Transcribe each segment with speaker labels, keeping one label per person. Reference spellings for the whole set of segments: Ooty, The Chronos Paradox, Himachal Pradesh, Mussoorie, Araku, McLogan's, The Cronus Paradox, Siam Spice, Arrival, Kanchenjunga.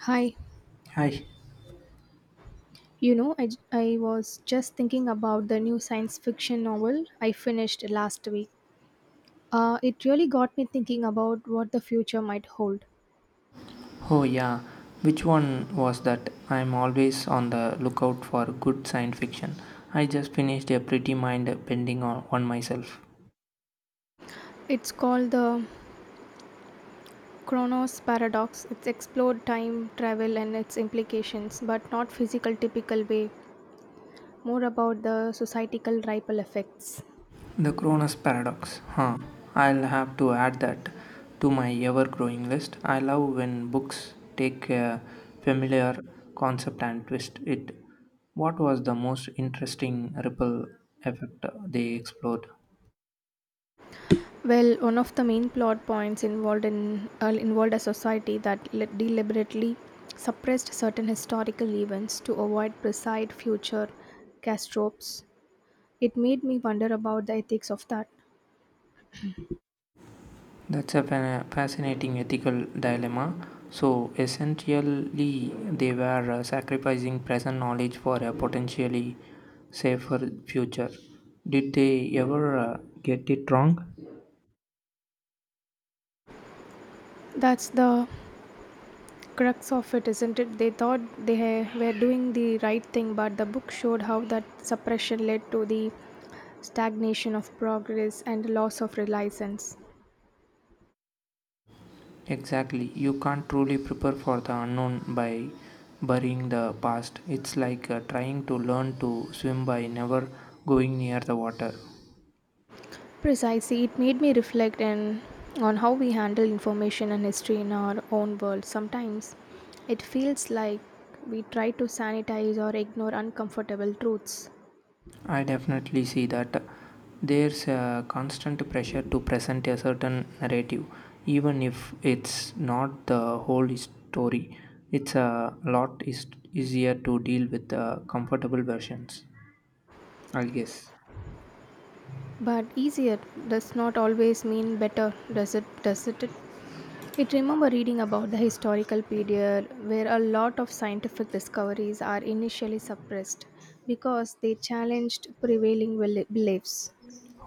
Speaker 1: Hi,
Speaker 2: Hi.
Speaker 1: I was just thinking about the new science fiction novel I finished last week. It really got me thinking about what the future might hold.
Speaker 2: Oh, yeah. Which one was that? I'm always on the lookout for good science fiction. I just finished a pretty mind bending on myself.
Speaker 1: It's called the Chronos Paradox. It's explored time travel and its implications, but not physical typical way, more about the societal ripple effects.
Speaker 2: The Cronus Paradox. Huh. I'll have to add that to my ever growing list. I love when books take a familiar concept and twist it. What was the most interesting ripple effect they explored?
Speaker 1: Well, one of the main plot points involved a society that deliberately suppressed certain historical events to avoid precise future catastrophes. It made me wonder about the ethics of that.
Speaker 2: That's a fascinating ethical dilemma. So essentially, they were sacrificing present knowledge for a potentially safer future. Did they ever get it wrong?
Speaker 1: That's the crux of it, isn't it? They thought they were doing the right thing, but the book showed how that suppression led to the stagnation of progress and loss of reliance.
Speaker 2: Exactly. You can't truly prepare for the unknown by burying the past. It's like trying to learn to swim by never going near the water.
Speaker 1: Precisely, it made me reflect and on how we handle information and history in our own world. Sometimes it feels like we try to sanitize or ignore uncomfortable truths.
Speaker 2: I definitely see that there's a constant pressure to present a certain narrative, even if it's not the whole story. It's a lot is easier to deal with the comfortable versions, I guess.
Speaker 1: But easier does not always mean better, does it? It remember reading about the historical period where a lot of scientific discoveries are initially suppressed because they challenged prevailing beliefs.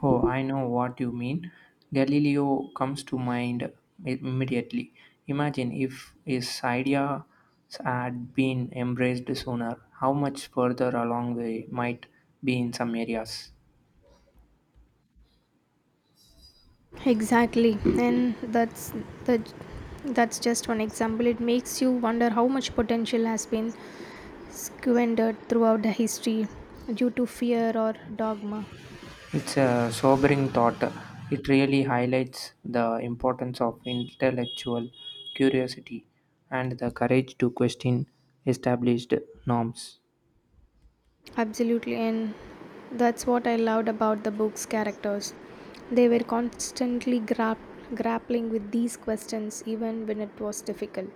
Speaker 2: Oh, I know what you mean. Galileo comes to mind immediately. Imagine if his idea had been embraced sooner, how much further along we might be in some areas.
Speaker 1: Exactly, and the that's just one example. It makes you wonder how much potential has been squandered throughout the history due to fear or dogma.
Speaker 2: It's a sobering thought. It really highlights the importance of intellectual curiosity and the courage to question established norms.
Speaker 1: Absolutely, and that's what I loved about the book's characters. They were constantly grappling with these questions even when it was difficult.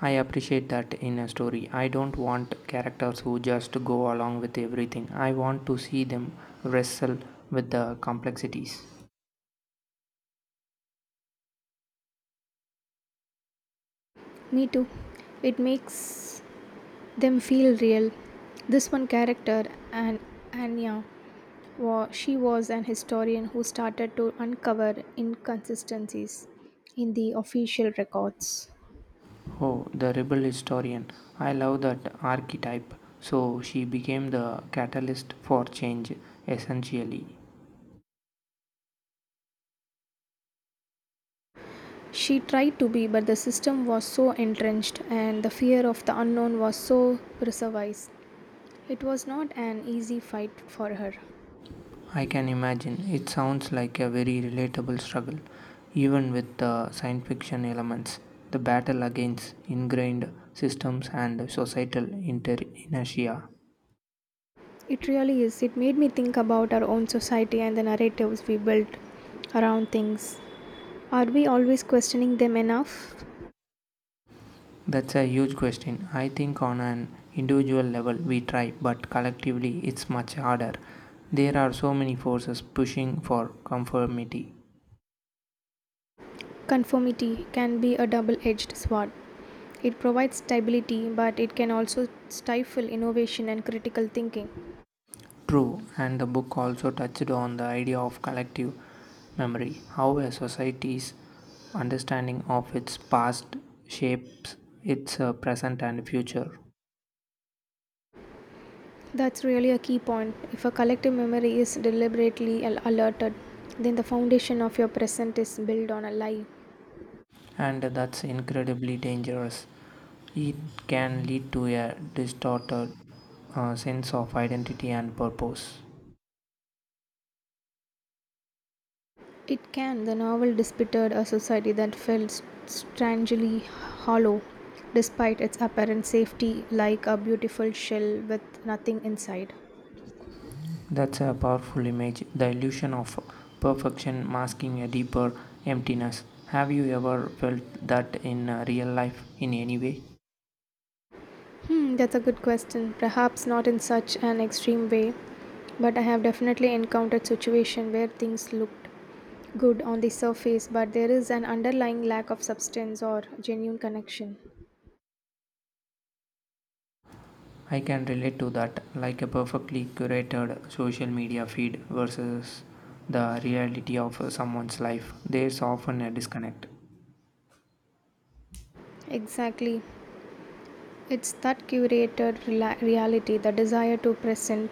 Speaker 2: I appreciate that in a story. I don't want characters who just go along with everything. I want to see them wrestle with the complexities.
Speaker 1: Me too. It makes them feel real. This one character, An- Anya, she was an historian who started to uncover inconsistencies in the official records.
Speaker 2: Oh, the rebel historian. I love that archetype. So she became the catalyst for change, essentially.
Speaker 1: She tried to be, but the system was so entrenched and the fear of the unknown was so pervasive. It was not an easy fight for her.
Speaker 2: I can imagine. It sounds like a very relatable struggle, even with the science fiction elements. The battle against ingrained systems and societal inertia.
Speaker 1: It really is. It made me think about our own society and the narratives we built around things. Are we always questioning them enough?
Speaker 2: That's a huge question. I think on an individual level we try, but collectively it's much harder. There are so many forces pushing for conformity.
Speaker 1: Conformity can be a double edged sword. It provides stability, but it can also stifle innovation and critical thinking.
Speaker 2: True, and the book also touched on the idea of collective memory, how a society's understanding of its past shapes its present and future.
Speaker 1: That's really a key point. If a collective memory is deliberately alerted, then the foundation of your present is built on a lie.
Speaker 2: And that's incredibly dangerous. It can lead to a distorted sense of identity and purpose.
Speaker 1: It can. The novel depicted a society that felt strangely hollow despite its apparent safety, like a beautiful shell with nothing inside.
Speaker 2: That's a powerful image, the illusion of perfection masking a deeper emptiness. Have you ever felt that in real life in any way?
Speaker 1: Hmm, that's a good question. Perhaps not in such an extreme way, but I have definitely encountered situation where things looked good on the surface, but there is an underlying lack of substance or genuine connection.
Speaker 2: I can relate to that, like a perfectly curated social media feed versus the reality of someone's life. There's often a disconnect.
Speaker 1: Exactly. It's that curated reality, the desire to present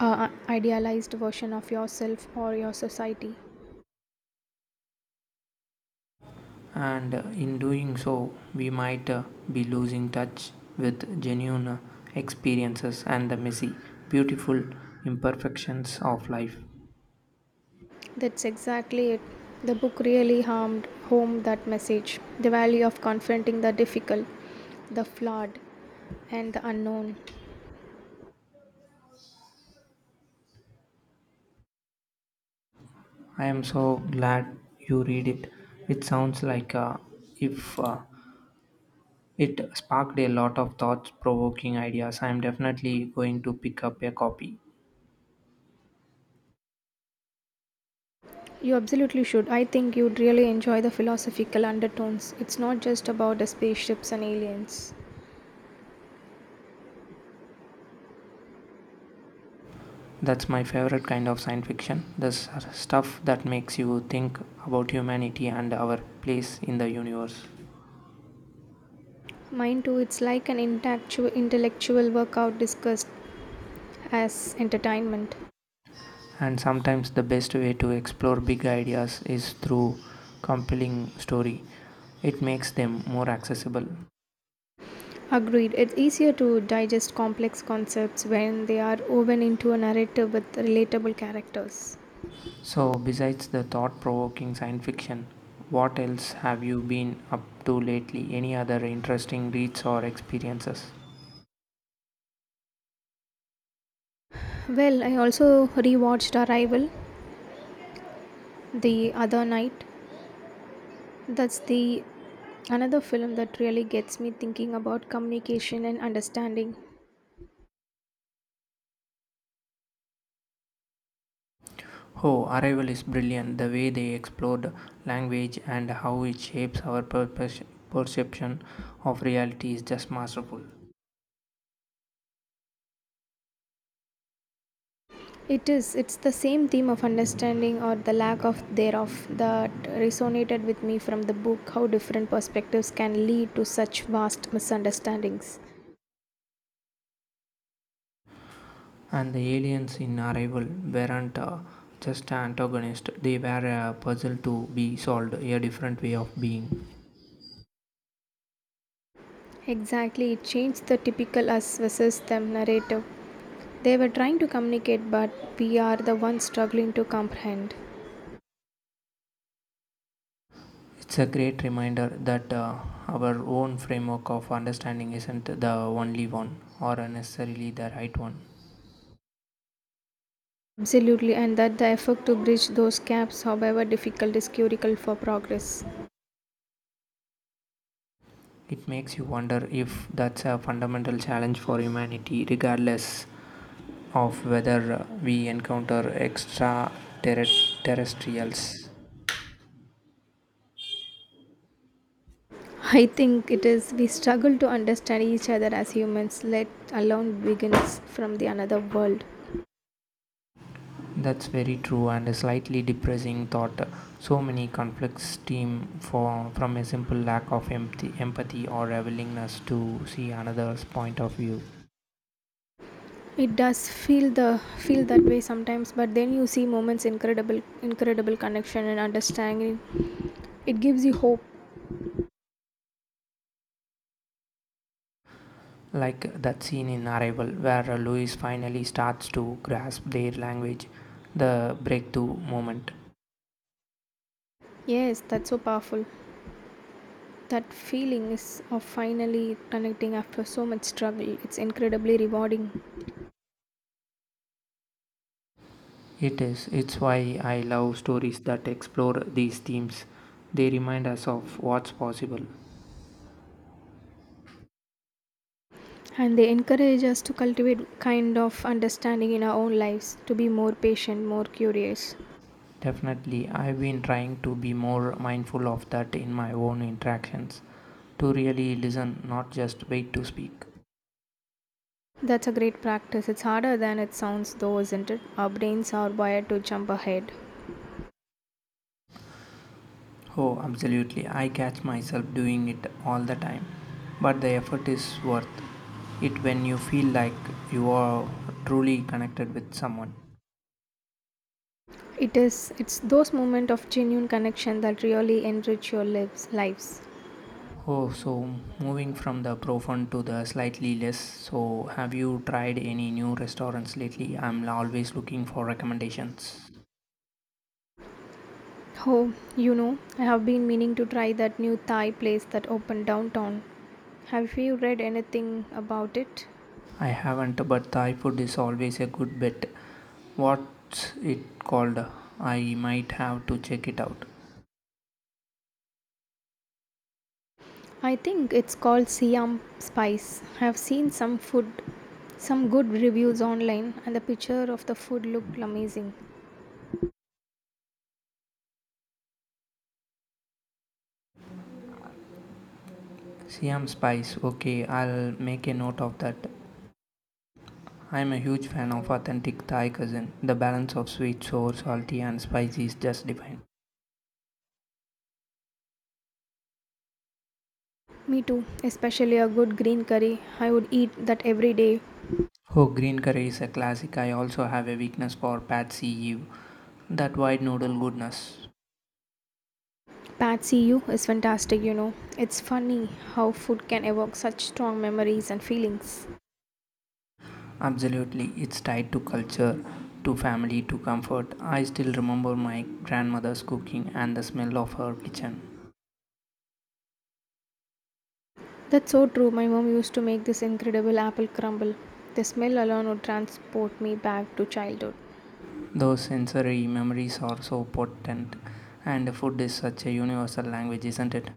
Speaker 1: a idealized version of yourself or your society.
Speaker 2: And in doing so, we might be losing touch with genuine experiences and the messy, beautiful imperfections of life.
Speaker 1: That's exactly it. The book really harmed home that message the value of confronting the difficult, the flawed, and the unknown.
Speaker 2: I am so glad you read it. It sounds like if it sparked a lot of thought provoking ideas. I am definitely going to pick up a copy.
Speaker 1: You absolutely should. I think you'd really enjoy the philosophical undertones. It's not just about the spaceships and aliens.
Speaker 2: That's my favorite kind of science fiction. The stuff that makes you think about humanity and our place in the universe.
Speaker 1: Mine too, it's like an intellectual workout discussed as entertainment.
Speaker 2: And sometimes the best way to explore big ideas is through compelling story. It makes them more accessible.
Speaker 1: Agreed, it's easier to digest complex concepts when they are woven into a narrative with relatable characters.
Speaker 2: So, besides the thought provoking science fiction, what else have you been up to lately? Any other interesting reads or experiences?
Speaker 1: Well, I also rewatched Arrival the other night. That's the Another film that really gets me thinking about communication and understanding.
Speaker 2: Oh, Arrival is brilliant. The way they explored language and how it shapes our perception of reality is just masterful.
Speaker 1: It is, it's the same theme of understanding or the lack of thereof that resonated with me from the book, how different perspectives can lead to such vast misunderstandings.
Speaker 2: And the aliens in Arrival weren't just antagonists, they were a puzzle to be solved, a different way of being.
Speaker 1: Exactly, it changed the typical us versus them narrative. They were trying to communicate but we are the ones struggling to comprehend.
Speaker 2: It's a great reminder that our own framework of understanding isn't the only one or necessarily the right one.
Speaker 1: Absolutely, and that the effort to bridge those gaps, however difficult, is critical for progress.
Speaker 2: It makes you wonder if that's a fundamental challenge for humanity, regardless of whether we encounter extraterrestrials.
Speaker 1: I think it is, we struggle to understand each other as humans, let alone beings from the another world.
Speaker 2: That's very true and a slightly depressing thought. So many conflicts stem from a simple lack of empathy or a willingness to see another's point of view.
Speaker 1: It does feel that way sometimes, but then you see moments incredible connection and understanding. It gives you hope.
Speaker 2: Like that scene in Arrival, where Louis finally starts to grasp their language, the breakthrough moment.
Speaker 1: Yes, that's so powerful. That feeling is of finally connecting after so much struggle. It's incredibly rewarding.
Speaker 2: It is. It's why I love stories that explore these themes. They remind us of what's possible.
Speaker 1: And they encourage us to cultivate kind of understanding in our own lives, to be more patient, more curious.
Speaker 2: Definitely, I've been trying to be more mindful of that in my own interactions, to really listen, not just wait to speak.
Speaker 1: That's a great practice, it's harder than it sounds, though, isn't it? Our brains are wired to jump ahead.
Speaker 2: Oh, absolutely, I catch myself doing it all the time, but the effort is worth it when you feel like you are truly connected with someone.
Speaker 1: It is, it's those moments of genuine connection that really enrich your lives.
Speaker 2: Oh, so moving from the profound to the slightly less. So, have you tried any new restaurants lately? I'm always looking for recommendations.
Speaker 1: Oh, you know, I have been meaning to try that new Thai place that opened downtown. Have you read anything about it?
Speaker 2: I haven't, but Thai food is always a good bet. What's it called? I might have to check it out.
Speaker 1: I think it's called Siam Spice. I've seen some good reviews online, and the picture of the food looked amazing.
Speaker 2: Siam Spice, okay, I'll make a note of that. I'm a huge fan of authentic Thai cuisine. The balance of sweet, sour, salty, and spicy is just divine.
Speaker 1: Me too, especially a good green curry. I would eat that every day.
Speaker 2: Oh, green curry is a classic. I also have a weakness for pad see ew, that white noodle goodness.
Speaker 1: Patsy U is fantastic, you know. It's funny how food can evoke such strong memories and feelings.
Speaker 2: Absolutely, it's tied to culture, to family, to comfort. I still remember my grandmother's cooking and the smell of her kitchen.
Speaker 1: That's so true. My mom used to make this incredible apple crumble. The smell alone would transport me back to childhood.
Speaker 2: Those sensory memories are so potent, and food is such a universal language, isn't it?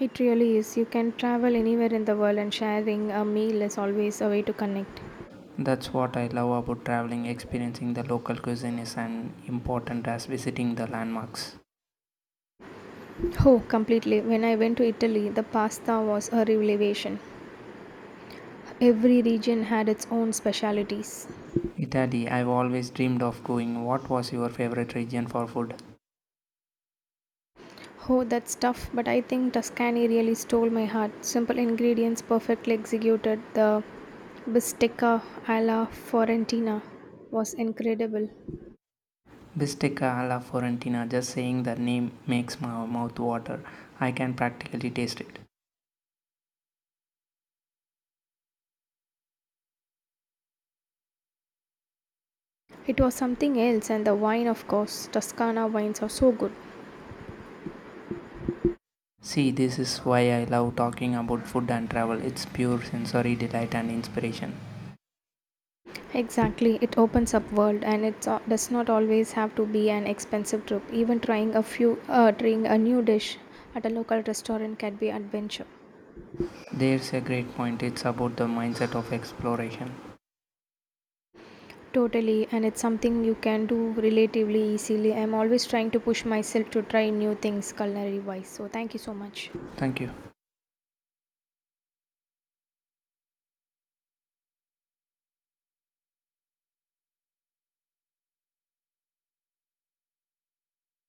Speaker 1: It really is. You can travel anywhere in the world, and sharing a meal is always a way to connect.
Speaker 2: That's what I love about traveling, experiencing the local cuisine is as important as visiting the landmarks.
Speaker 1: Oh, completely. When I went to Italy, the pasta was a revelation. Every region had its own specialities.
Speaker 2: Italy, I've always dreamed of going. What was your favorite region for food?
Speaker 1: Oh, that's tough, but I think Tuscany really stole my heart. Simple ingredients perfectly executed. The bistecca alla Fiorentina was incredible.
Speaker 2: Bistecca alla Fiorentina, just saying the name makes my mouth water. I can practically taste it.
Speaker 1: It was something else, and the wine, of course. Toscana wines are so good.
Speaker 2: See, this is why I love talking about food and travel. It's pure sensory delight and inspiration.
Speaker 1: Exactly, it opens up world and it does not always have to be an expensive trip. Even trying a new dish at a local restaurant can be adventure.
Speaker 2: There's a great point. It's about the mindset of exploration.
Speaker 1: Totally, and it's something you can do relatively easily. I'm always trying to push myself to try new things culinary wise. So thank you so much.
Speaker 2: Thank you.